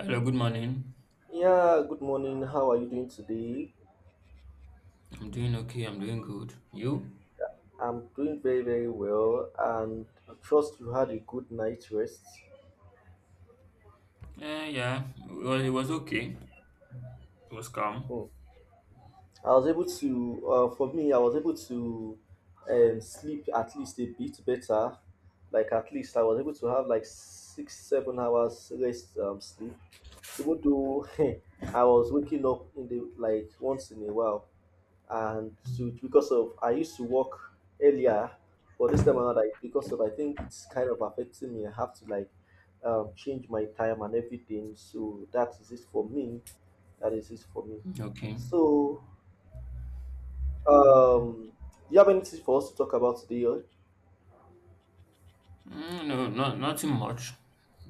Hello, good morning. Yeah, good morning. How are you doing today? I'm doing okay. I'm doing good. You? I'm doing very well, and I trust you had a good night's rest. Yeah. Well, it was okay. It was calm. Hmm. I was able to, for me, I was able to sleep at least a bit better. Like, at least I was able to have like six, 7 hours rest sleep, even though I was waking up in the like once in a while, and so it's because of I used to work earlier, but this time around, like because of I think it's kind of affecting me. I have to like change my time and everything. So that is it for me. That is it for me. Okay. So do you have anything for us to talk about today? Or— No, not nothing much.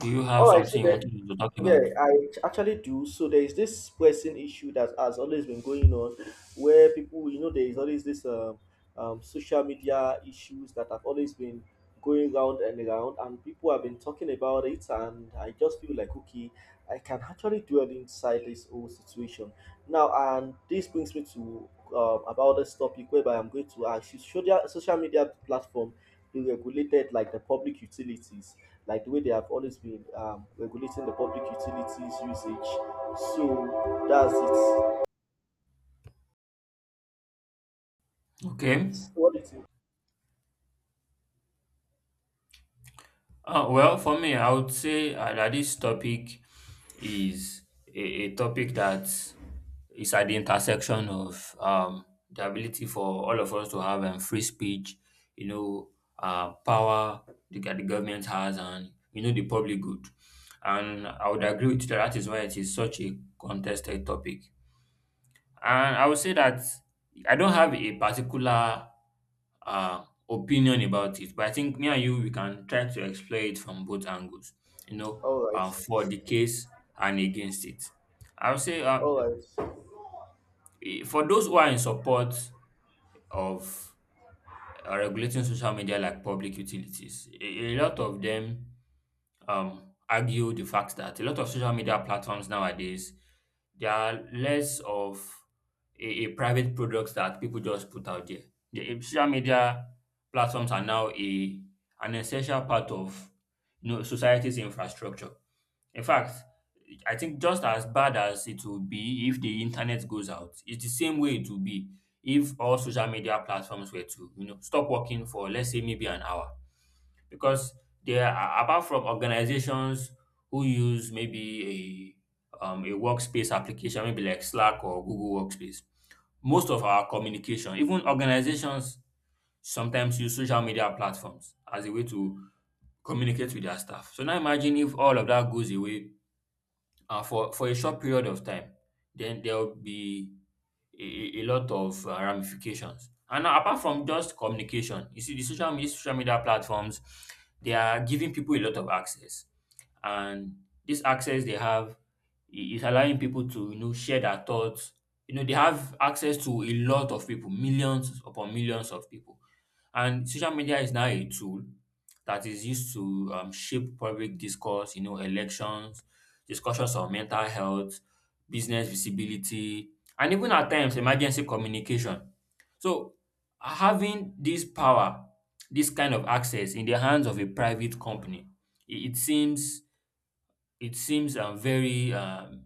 Do you have all right. So something you there, wanted to talk about? Yeah, I actually do. So there is this pressing issue that has always been going on, where people, there is always this social media issues that have always been going round and round, and people have been talking about it, and I just feel like, okay, I can actually dwell inside this whole situation now, and this brings me to about this topic whereby I'm going to ask you: should social media platform be regulated like the public utilities? Like the way they have always been regulating the public utilities usage. So that's it. Okay. What do you think? Well, for me, I would say that this topic is a, a topic that is at the intersection of the ability for all of us to have free speech, you know, power the government has, and, you know, the public good. And I would agree with you that that is why it is such a contested topic. And I would say that I don't have a particular opinion about it, but I think me and you we can try to explore it from both angles. You know, All right, for the case and against it. I would say all right. For those who are in support of regulating social media like public utilities, a lot of them argue the fact that a lot of social media platforms nowadays they are less of a private products that people just put out there. The social media platforms are now a an essential part of you know society's infrastructure. In fact, I think just as bad as it will be if the internet goes out, it's the same way it will be if all social media platforms were to you know stop working for let's say maybe an hour because there are apart from organizations who use maybe a workspace application, maybe like Slack or Google Workspace, most of our communication, even organizations sometimes use social media platforms as a way to communicate with their staff. So now imagine if all of that goes away for a short period of time, then there will be a lot of ramifications. And now, apart from just communication, you see, social media platforms, they are giving people a lot of access, and this access they have is allowing people to you know share their thoughts. You know, they have access to a lot of people, millions upon millions of people, and social media is now a tool that is used to shape public discourse. You know, elections, discussions on mental health, business visibility, and even at times emergency communication. So having this power, this kind of access in the hands of a private company, it, it seems it seems very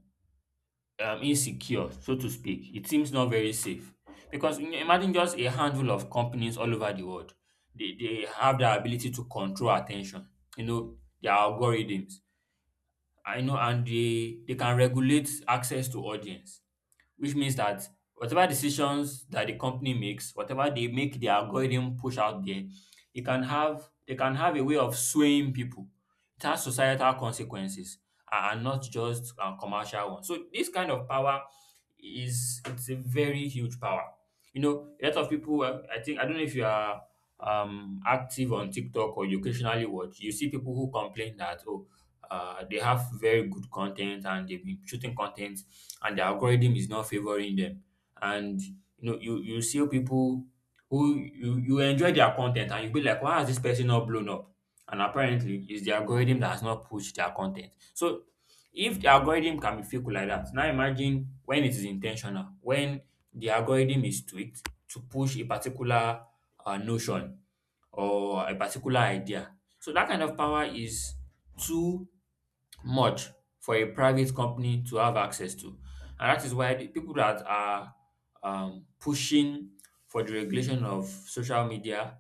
insecure, so to speak. It seems not very safe because imagine just a handful of companies all over the world. They have the ability to control attention. You know their algorithms. I know, and they can regulate access to audience which means that whatever decisions that the company makes, whatever they make the algorithm push out there, it can have they can have a way of swaying people. It has societal consequences and not just commercial ones. So this kind of power is it's a very huge power. You know, a lot of people. I think I don't know if you are active on TikTok or you occasionally watch. You see people who complain that oh they have very good content and they've been shooting content and the algorithm is not favoring them and you know you see people who you enjoy their content and you be like why has this person not blown up and apparently it's the algorithm that has not pushed their content. So if the algorithm can be fickle like that, now imagine when it is intentional, when the algorithm is tweaked to push a particular notion or a particular idea. So that kind of power is too much for a private company to have access to. And that is why the people that are pushing for the regulation of social media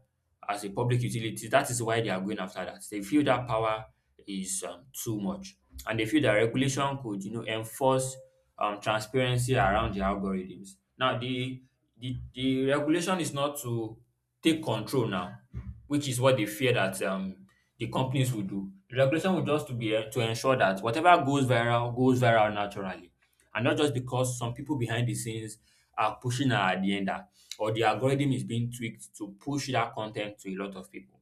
as a public utility, that is why they are going after that. They feel that power is too much, and they feel that regulation could, you know, enforce transparency around the algorithms. Now, the regulation is not to take control now, which is what they fear that the companies will do. The regulation will just to be to ensure that whatever goes viral naturally, and not just because some people behind the scenes are pushing an agenda or the algorithm is being tweaked to push that content to a lot of people.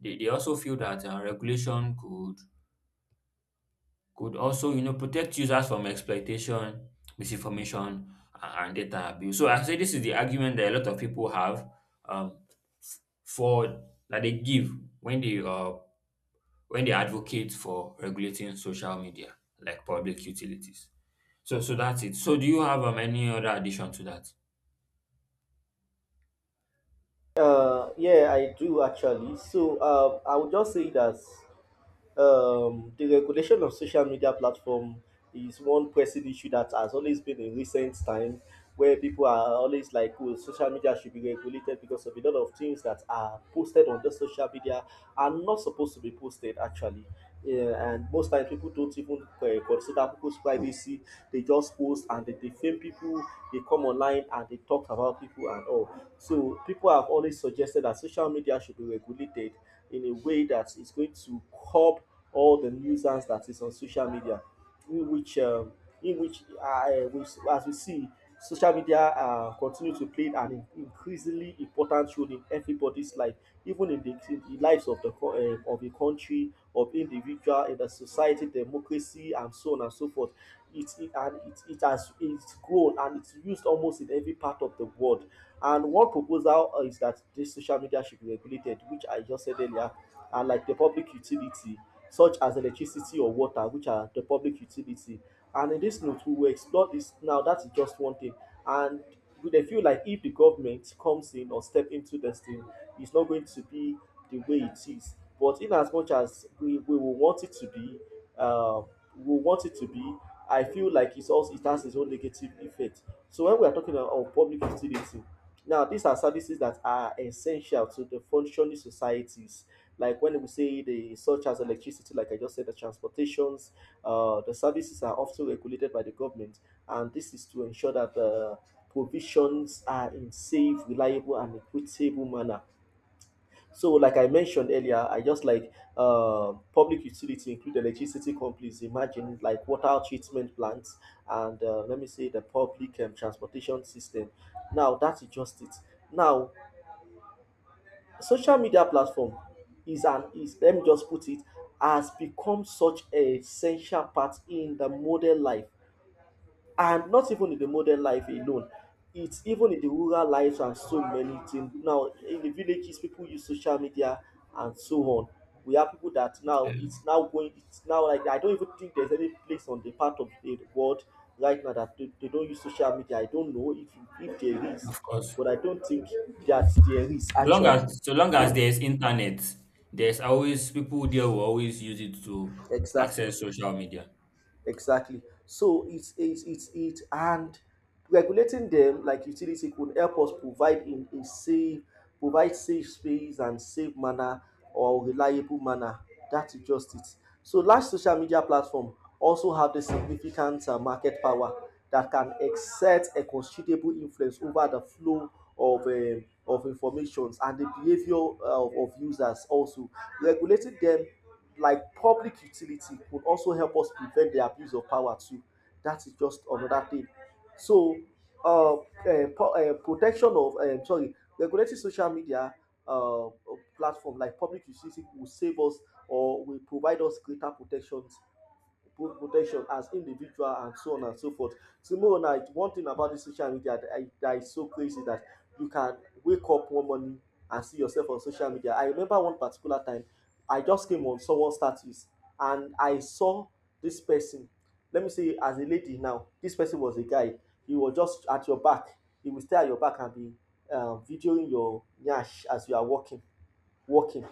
They also feel that regulation could also you know protect users from exploitation, misinformation, and data abuse. So I say this is the argument that a lot of people have um, for that they give when they advocate for regulating social media like public utilities. So so that's it. So do you have any other addition to that? Yeah, I do actually. So I would just say that the regulation of social media platform is one pressing issue that has always been in recent time where people are always like, oh, social media should be regulated because of a lot of things that are posted on the social media are not supposed to be posted actually, yeah, and most times people don't even consider people's privacy. They just post and they defame people. They come online and they talk about people and all. So people have always suggested that social media should be regulated in a way that is going to curb all the nuisance that is on social media, in which we, as we see, social media continue to play an increasingly important role in everybody's life, even in the lives of the of the country, of individual, in the society, democracy, and so on and so forth. It and it, it has it's grown and it's used almost in every part of the world. And one proposal is that this social media should be regulated, which I just said earlier, and like the public utility such as electricity or water, which are the public utility. And in this note, we will explore this now. That is just one thing. And we dey feel like if the government comes in or step into this thing, it's not going to be the way it is. But in as much as we will want it to be, uh, we want it to be, I feel like it's also it has its own negative effect. So when we are talking about public utility, now these are services that are essential to the functioning societies. Like when we say the such as electricity, like I just said, the transportations, the services are often regulated by the government, and this is to ensure that the provisions are in safe, reliable, and equitable manner. So, like I mentioned earlier, I just like public utility include electricity companies. Imagine like water treatment plants and let me say the public transportation system. Now that's just it. Now social media platform is let me just put it has become such a essential part in the modern life, and not even in the modern life alone. It's even in the rural lives and so many things. Now, in the villages, people use social media and so on. We have people that now Um, it's now going. It's now like I don't even think there's any place on the part of the world right now that they don't use social media. I don't know if there is, Of course. but I don't think that there is actually. So long as there's internet, there's always people there will always use it to Exactly. access social media. Exactly. So it and regulating them like utility could help us provide in a safe, provide safe space and safe manner or reliable manner. That's just it. So large social media platform also have the significant market power that can exert a considerable influence over the flow of informations and the behavior of users. Also regulating them like public utility could also help us prevent the abuse of power too. That is just another thing. So, uh, protection of sorry, regulating social media uh, platform like public utility will save us or will provide us greater protections, both protection as individual and so on and so forth. Tomorrow night, one thing about this social media that, that is so crazy that you can wake up one morning and see yourself on social media. I remember one particular time, I just came on someone's status and I saw this person. Let me say, as a lady now, this person was a guy. He was just at your back. He will stay at your back and be videoing your nyash as you are walking. walking,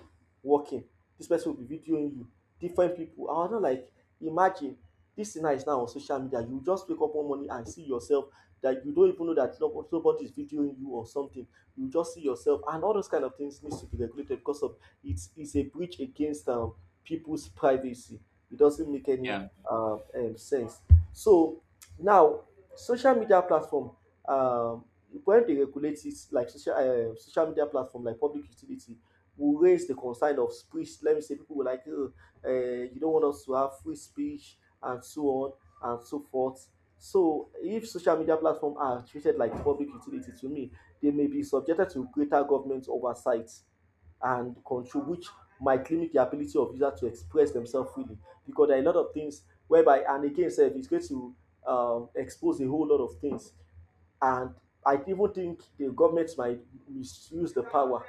walking. This person will be videoing you, different people. I do not like, imagine this thing is now on social media. You just wake up one morning and see yourself, that you don't even know that nobody is videoing you or something. You just see yourself, and all those kind of things needs to be regulated because of it's a breach against people's privacy. It doesn't make any Yeah. Sense. So now, social media platform, um, when they regulate it like social media platform like public utility, will raise the concern of speech. Let me say people will like, oh, you don't want us to have free speech and so on and so forth. So if social media platforms are treated like public utility to me, they may be subjected to greater government oversight and control, which might limit the ability of users to express themselves freely. Because there are a lot of things whereby, and again, sef, it's going to expose a whole lot of things, and I even think the government might misuse the power,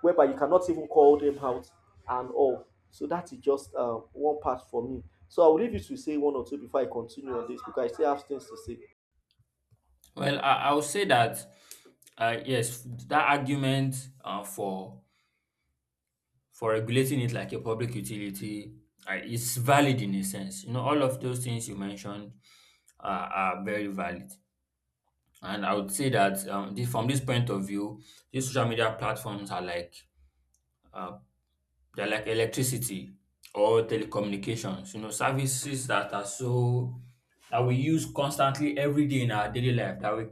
whereby you cannot even call them out and all. So that is just one part for me. So I will leave you to say one or two before I continue on this because I still have things to say. Well, I would say that yes, that argument for regulating it like a public utility is valid in a sense. You know, all of those things you mentioned are very valid, and I would say that from this point of view, these social media platforms are like uh, they're like electricity or telecommunications, you know, services that are so that we use constantly every day in our daily life, that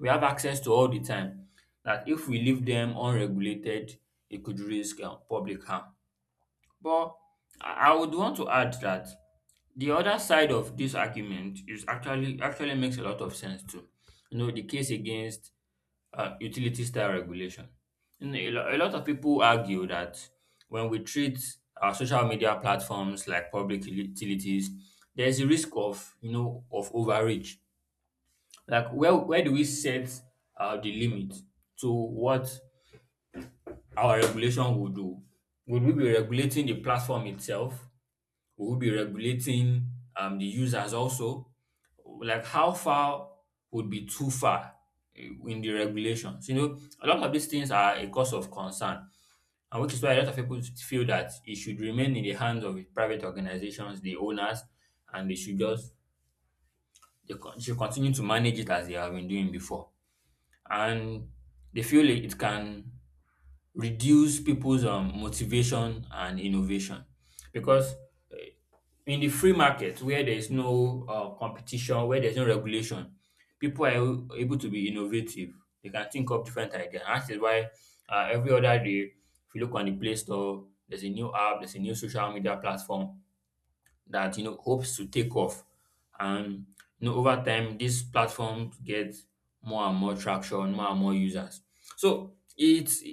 we have access to all the time, that if we leave them unregulated, it could risk public harm. But I would want to add that the other side of this argument is actually makes a lot of sense too. You know, the case against utility style regulation. And a lot of people argue that when we treat our social media platforms like public utilities, there's a risk of you know of overreach. Like where do we set the limit to what our regulation will do? Would we be regulating the platform itself? Would we be regulating the users also? Like how far would be too far in the regulations. You know, a lot of these things are a cause of concern, and which is why a lot of people feel that it should remain in the hands of private organizations, the owners, and they should just should continue to manage it as they have been doing before. And they feel it can reduce people's motivation and innovation because in the free market where there is no competition, where there's no regulation, people are able to be innovative. They can think up different ideas. And that is why every other day, if you look on the Play Store, there's a new app, there's a new social media platform that you know hopes to take off. And you know, over time, this platform get more and more traction, more and more users. So it's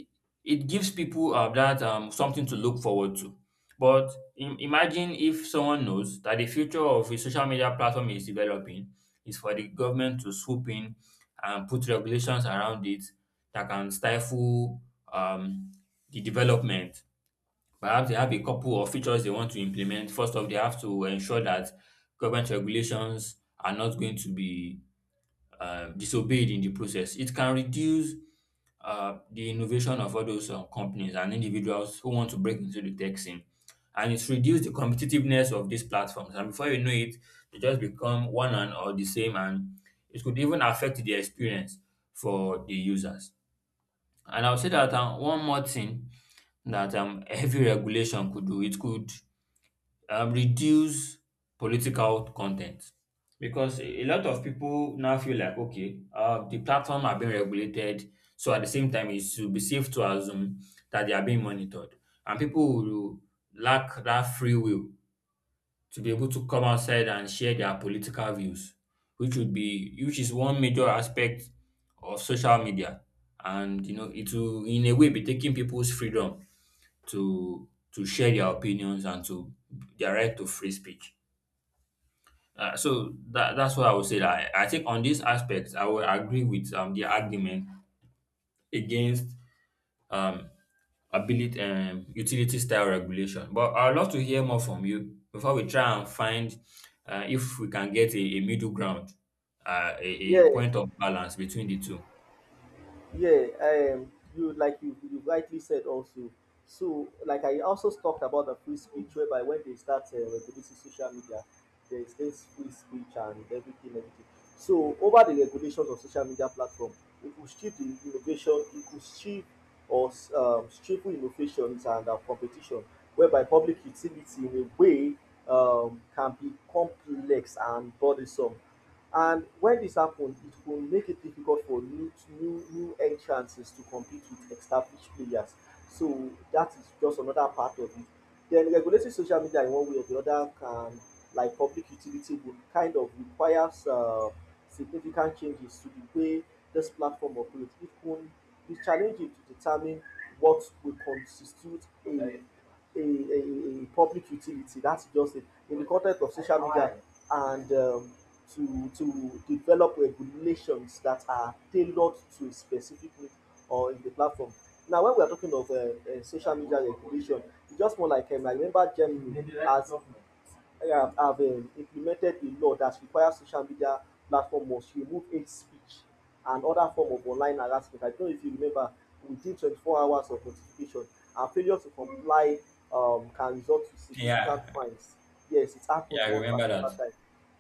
it gives people that something to look forward to. But imagine if someone knows that the future of a social media platform is developing is for the government to swoop in and put regulations around it that can stifle um, the development. Perhaps they have a couple of features they want to implement. First off, they have to ensure that government regulations are not going to be disobeyed in the process. It can reduce the innovation of all those companies and individuals who want to break into the tech scene. And it's reduced the competitiveness of these platforms. And before you know it, they just become one and or the same. And it could even affect the experience for the users. And I'll say that one more thing that heavy regulation could do, it could reduce political content. Because a lot of people now feel like, okay, the platform are being regulated. So at the same time, it should be safe to assume that they are being monitored. And people will lack that free will to be able to come outside and share their political views, which would be which is one major aspect of social media. And you know, it will in a way be taking people's freedom to share their opinions and to their right to free speech. So that's what I would say. That I think on this aspect, I would agree with the argument against um ability utility style regulation. But I'd love to hear more from you before we try and find if we can get a middle ground, a Yeah, point of balance between the two. Yeah, you like you rightly said also. So, like I also talked about the free speech, whereby when they start regulating social media, there is this free speech and everything. So, over the regulations of social media platform, it could strip the innovation, it could strip or strip innovations and competition, whereby public utility in a way can be complex and burdensome. And when this happens, it will make it difficult for new entrances to compete with established players. So that is just another part of it. Then regulating social media in one way or the other can, like public utility, would kind of requires significant changes to the way this platform operates. It will be challenging to determine what will constitute a public utility. That's just it. In the context of social media and to develop regulations that are tailored to a specific need or in the platform. Now, when we are talking of social media regulation, it's just more like I remember Germany as have implemented a law that requires social media platform must remove hate speech and other form of online harassment. I don't know if you remember, within 24 hours of notification, and failure to comply can result to significant Yeah, fines. Yes, it yeah, happened I one remember that. particular time.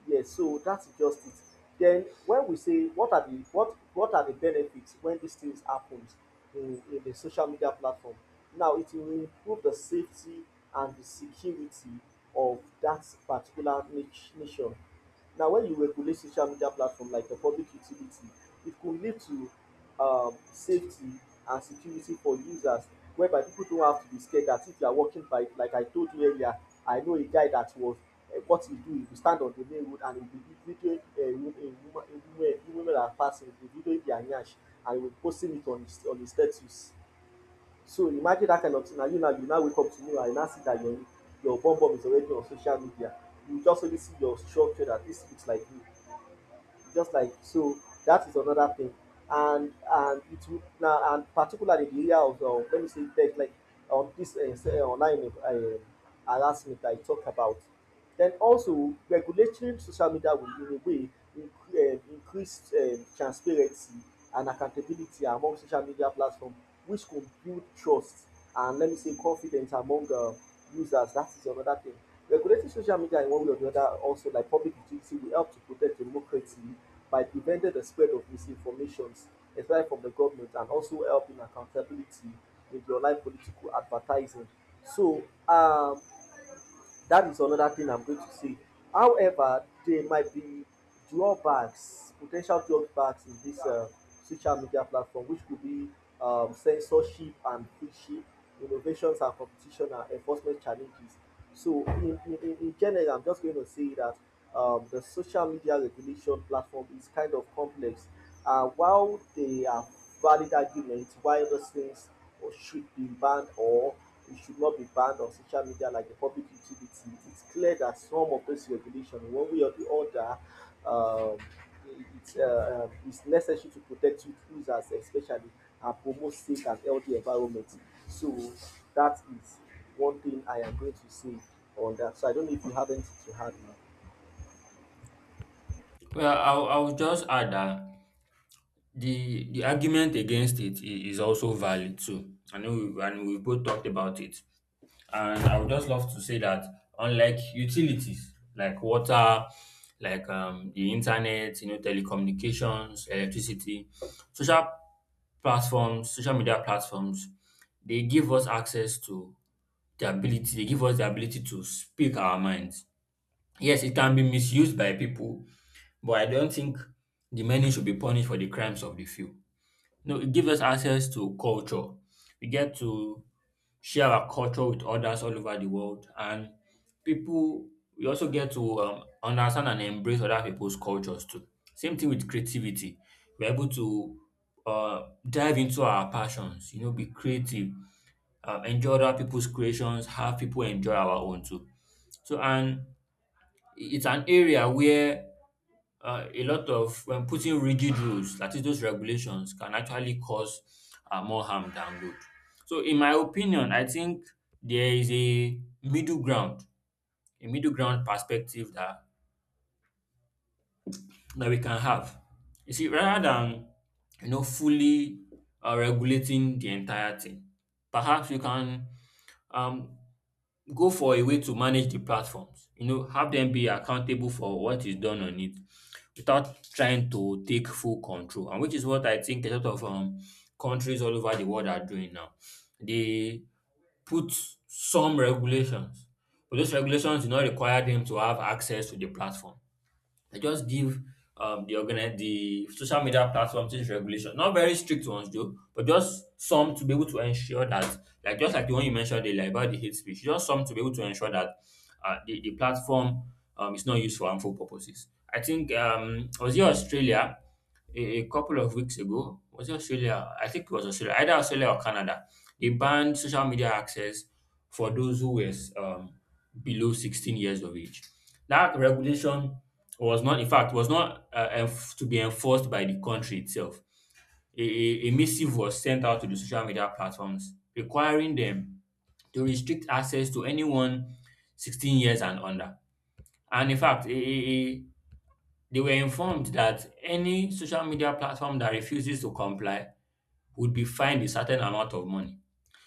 Yes, so that is just it. Then when we say what are the what are the benefits when these things happens in the social media platform? Now it will improve the safety and the security of that particular nation. Now, when you regulate social media platform like a public utility, it could lead to safety and security for users, whereby people don't have to be scared that if you are walking by, like I told you earlier, I know a guy that was what he do, he will stand on the main road and he will be videoing a woman that are passing, he will be videoing their nyash and he will posting it on his status. So imagine that kind of thing. Now you now wake up tomorrow and you now see that your bum bum is already on social media. You just only see your structure that this looks like you, just like so. That is another thing. And it will now, and particularly the area of let me say tech, like on this say, online harassment that I talk about. Then also, regulating social media will, in a way, increase transparency and accountability among social media platform, which could build trust and, let me say, confidence among users. That is another thing. Regulating social media in one way or the other, also like public utility, will help to protect democracy by preventing the spread of misinformations, especially from the government, and also helping accountability in the online political advertising. So, that is another thing I'm going to say. However, there might be drawbacks, potential drawbacks in this social media platform, which could be censorship and friendship, innovations and competition and enforcement challenges. So, in general, I'm just going to say that the social media regulation platform is kind of complex. While they are valid arguments why those things should be banned or it should not be banned on social media like the public utility, it's clear that some of those regulations, one way or the other, um, it's necessary to protect youth users, especially, and promote safe and healthy environment. So that is one thing I am going to say on that. So I don't know if you have anything to add now. Well, I'll just add that the argument against it is also valid too. I know, we, and we both talked about it. And I would just love to say that unlike utilities like water, like the internet, you know, telecommunications, electricity, social social media platforms, they give us access to they give us the ability to speak our minds. Yes, it can be misused by people, but I don't think the many should be punished for the crimes of the few. No, it gives us access to culture. We get to share our culture with others all over the world, and people we also get to understand and embrace other people's cultures too. Same thing with creativity. We're able to uh, dive into our passions. You know, be creative, enjoy other people's creations, have people enjoy our own too. So, and it's an area where a lot of when putting rigid rules, that is those regulations, can actually cause more harm than good. So, in my opinion, I think there is a middle ground perspective that we can have. You see, rather than you know fully regulating the entire thing, perhaps you can um, go for a way to manage the platforms. You know, have them be accountable for what is done on it without trying to take full control, and which is what I think a lot of countries all over the world are doing now. They put some regulations, but those regulations do not require them to have access to the platform. They just give the social media platforms this regulation, not very strict ones though, but just some to be able to ensure that, like just like the one you mentioned earlier about the hate speech, just some to be able to ensure that the platform is not used for harmful purposes. I think was it Australia a couple of weeks ago? Was it Australia? I think it was Australia, either Australia or Canada. They banned social media access for those who were below 16 years of age. That regulation was not in fact was not to be enforced by the country itself. A missive was sent out to the social media platforms requiring them to restrict access to anyone 16 years and under. And in fact, they were informed that any social media platform that refuses to comply would be fined a certain amount of money.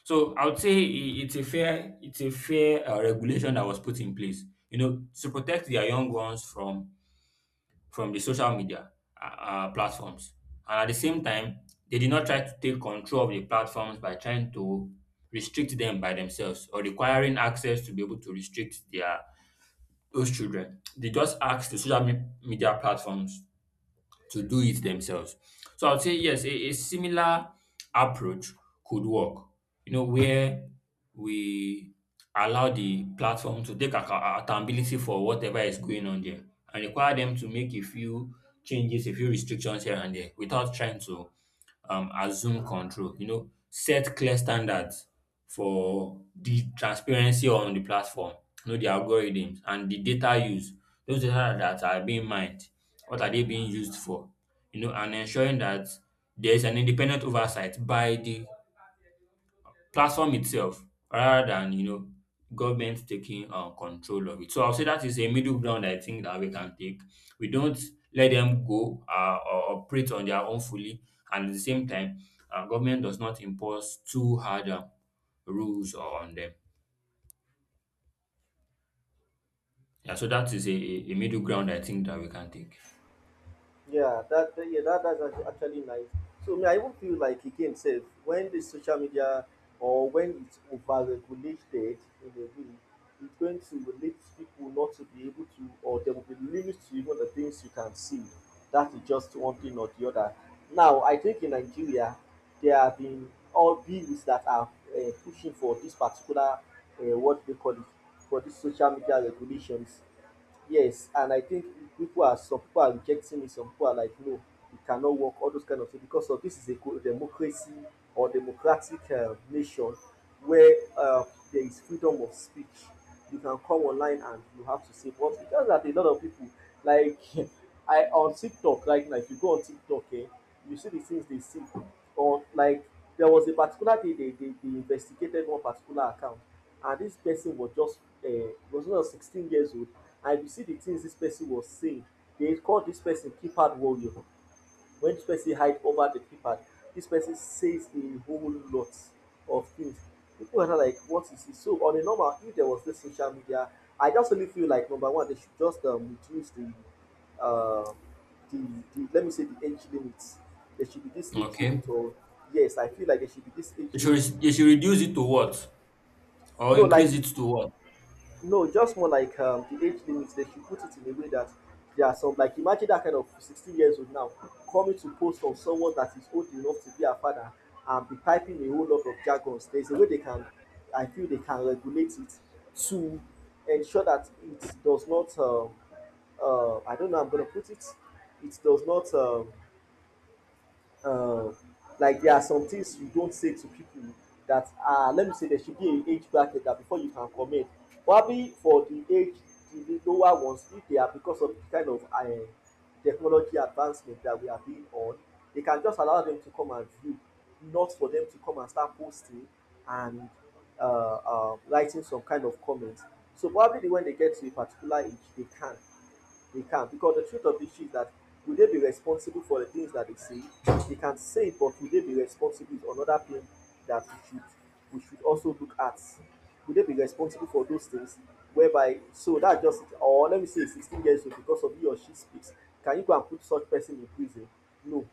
So I would say I- it's a fair regulation that was put in place, you know, to protect their young ones from the social media uh, platforms. And at the same time, they did not try to take control of the platforms by trying to restrict them by themselves or requiring access to be able to restrict their those children. They just asked the media platforms to do it themselves. So I would say yes, a similar approach could work, you know, where we allow the platform to take accountability for whatever is going on there and require them to make a few changes, a few restrictions here and there without trying to assume control. You know, set clear standards for the transparency on the platform, you know, the algorithms and the data use. Those data that are being mined, what are they being used for? You know, and ensuring that there is an independent oversight by the platform itself rather than you know government taking control of it. So I'll say that is a middle ground I think that we can take. We don't let them go or operate on their own fully, and at the same time, government does not impose too hard rules on them. Yeah, so that is a middle ground I think that we can take. Yeah, that's actually nice. So me, I even feel like again, safe when the social media or when it's overregulated in a way, it's going to lead people not to be able to, or there will be limits to even the things you can see. That is just one thing or the other. Now, I think in Nigeria, there have been all bills that are pushing for this particular what they call it, for this social media regulations. Yes, and I think people are, some people are rejecting it, some people are like, no, it cannot work, all those kind of things, because of this is a democracy or democratic nation where there is freedom of speech. You can come online and you have to say, but because that a lot of people like I on TikTok right now, if you go on TikTok, eh, you see the things they see on, like, there was a particular day they investigated one particular account, and this person was just was not 16 years old. I will see the things this person was saying. They call this person keypad warrior. When this person hide over the keypad, this person says a whole lot of things. People are not like, what is this? So on a normal, if there was this social media, I just only feel like number one, they should just reduce the uh, the, the, let me say, the age limit. There should be this age Okay, limit. Or yes, I feel like there should be this age you limit. should you should reduce it to what or No, like increase it, it to what? no, just more like the age limit. They should put it in a way that there are some, like imagine that kind of 16 years old now coming to post on someone that is old enough to be a father and be typing a whole lot of jargons. There's a way they can, I feel they can regulate it to ensure that it does not. I don't know. I'm gonna put it. It does not. Um like there are some things you don't say to people that are, let me say there should be a age bracket that before you can comment, probably for the age, the lower ones, if they are, because of the kind of technology advancement that we are being on, they can just allow them to come and view, not for them to come and start posting and uh, writing some kind of comments. So probably when they get to a particular age, they can, they can't. Because the truth of the issue is that will they be responsible for the things that they say? They can say it, but will they be responsible is another thing that we should also look at. Will they be responsible for those things? Whereby so that just, or let me say 16 years old because of he or she speaks. Can you go and put such person in prison? No.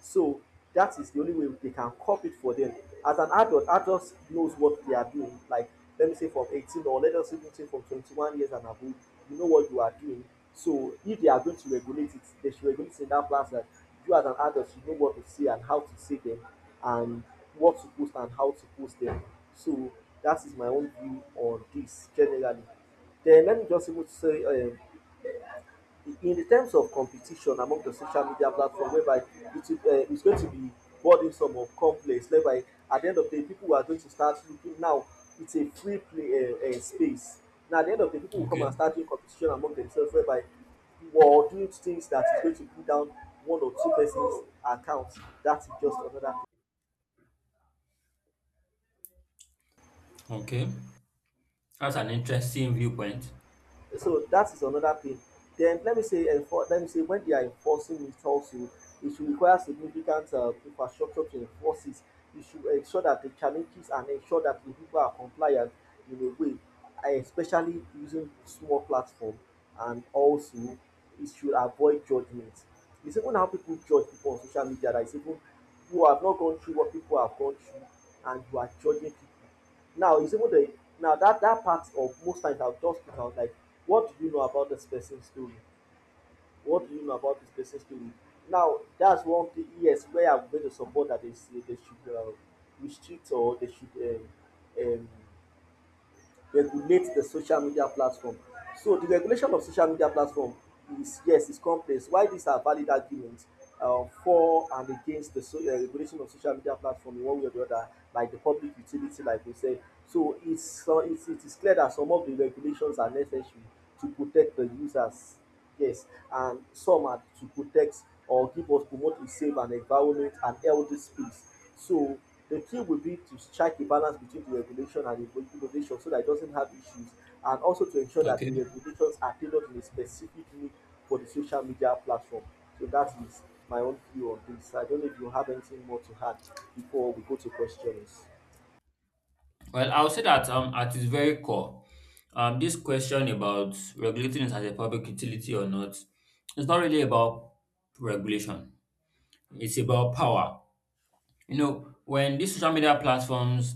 So that is the only way they can cop it for them. As an adult, adults knows what they are doing. Like, let me say from 18, or let us even say from 21 years and above, you know what you are doing. So if they are going to regulate it, they should regulate it in that class, that you as an adult should know what to say and how to say them and what to post and how to post them. So that is my own view on this generally. Then let me just even say in the terms of competition among the social media platform, whereby it is, it's going to be burdensome or complex, whereby at the end of the day people are going to start looking, now it's a free play space, now at the end of the day people will come and Okay, start doing competition among themselves, whereby or doing things that is going to put down one or two persons account. That is just another thing. okay, that's an interesting viewpoint. So that is another thing. Then let me say let me say when they are enforcing it also, it should require significant infrastructure to enforce it. You should ensure that the challenges, and ensure that the people are compliant, in a way, especially using small platform. And also, it should avoid judgment. It's even how people judge people on social media, that is even, you have not gone through what people have gone through and you are judging people. Now it's even the, now that that part of, most times I'll just put out like, what do you know about this person's story? What do you know about this person's story? Now that's one thing. Yes, where I'm going to support that they say they should restrict, or they should um, regulate the social media platform. So the regulation of social media platform is, yes, is complex. Why these are valid arguments for and against the regulation of social media platform in one way or the other, like the public utility, like we said. So it's it is clear that some of the regulations are necessary to protect the users. Yes, and some are to protect or give us, promote a safe and environment and healthy space. So the key will be to strike a balance between the regulation and the innovation so that it doesn't have issues, and also to ensure that the Okay. regulations are tailored in a specific need for the social media platform. So that is my own view on this. I don't know if you have anything more to add before we go to questions. Well, I would say that at its very core, this question about regulating it as a public utility or not, it's not really about regulation. It's about power. You know, when these social media platforms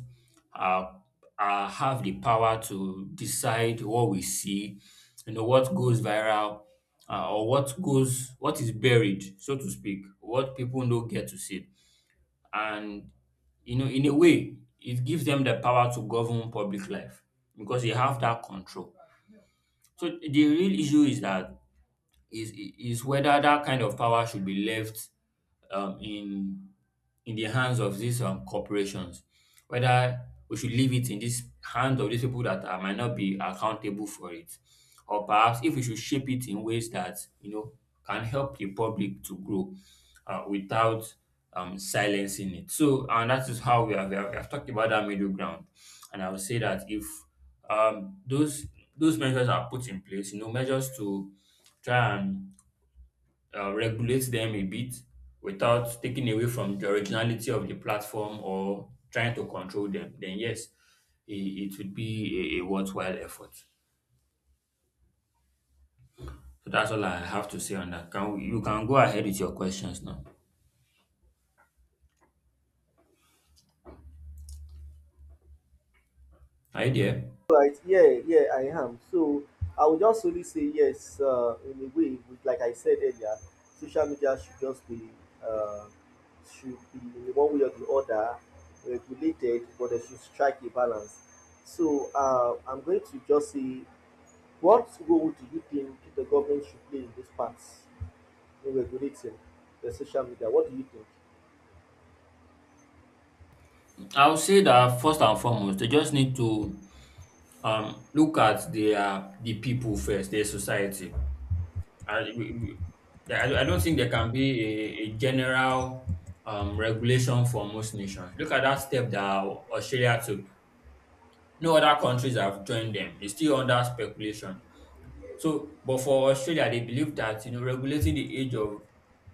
are, are have the power to decide what we see, you know, what goes viral, or what is buried, so to speak, what people don't get to see, and you know, in a way, it gives them the power to govern public life because they have that control. So the real issue is that is whether that kind of power should be left um, in in the hands of these corporations. Whether we should leave it in this hands of these people that are, might not be accountable for it, or perhaps if we should shape it in ways that you know can help the public to grow without silencing it. So, and that is how we have talked about that middle ground. And I would say that if um, those those measures are put in place, you know, measures to try and regulate them a bit without taking away from the originality of the platform or trying to control them, then yes, it would be a worthwhile effort. So that's all I have to say on that. Can you can go ahead with your questions now. Are you there? Right, yeah, yeah, I am. So I would just only say yes, in a way, with, like I said earlier, social media should just be, uh, should be in one way or the other regulated, but they should strike a balance. So I'm going to just say, what role do you think the government should play in this part in regulating the social media? What do you I'll say that first and foremost, they just need to look at the people first, their society. I, we- I don't think there can be a general regulation for most nations. Look at that step that Australia took. No other countries have joined them. It's still under speculation. So, but for Australia, they believe that you know regulating the age of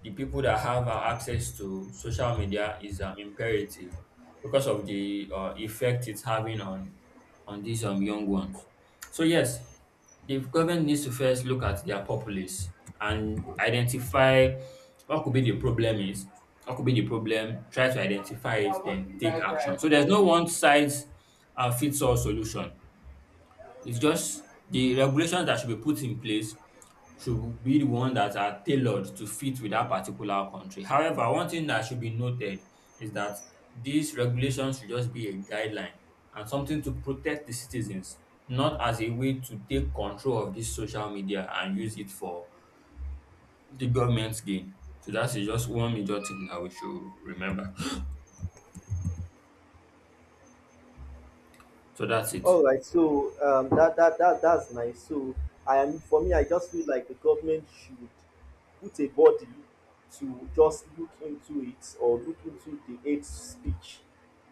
the people that have access to social media is imperative because of the effect it's having on these young ones. So yes, the government needs to first look at their populace and identify what could be the problem is, what could be the problem, try to identify it, then take action. So there's no think? one size fits all solution. It's just the regulations that should be put in place should be the one that are tailored to fit with that particular country. However, one thing that should be noted is that these regulations should just be a guideline and something to protect the citizens, not as a way to take control of this social media and use it for the government's gain. So that is just one major thing that we should remember. So that's it. All right, so that's nice. So I am, for me, I just feel like the government should put a body to just look into it, or look into the hate speech.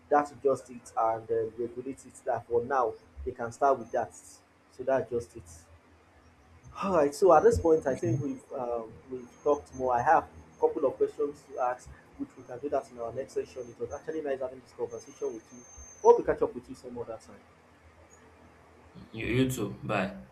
That's just it, and regulate it. That for now they can start with that. So that's just it. All right. So at this point, I think You, we've talked more. I have a couple of questions to ask, which we can do that in our next session. It was actually nice having this conversation with you. Hope we catch up with you some other time. you too. Bye.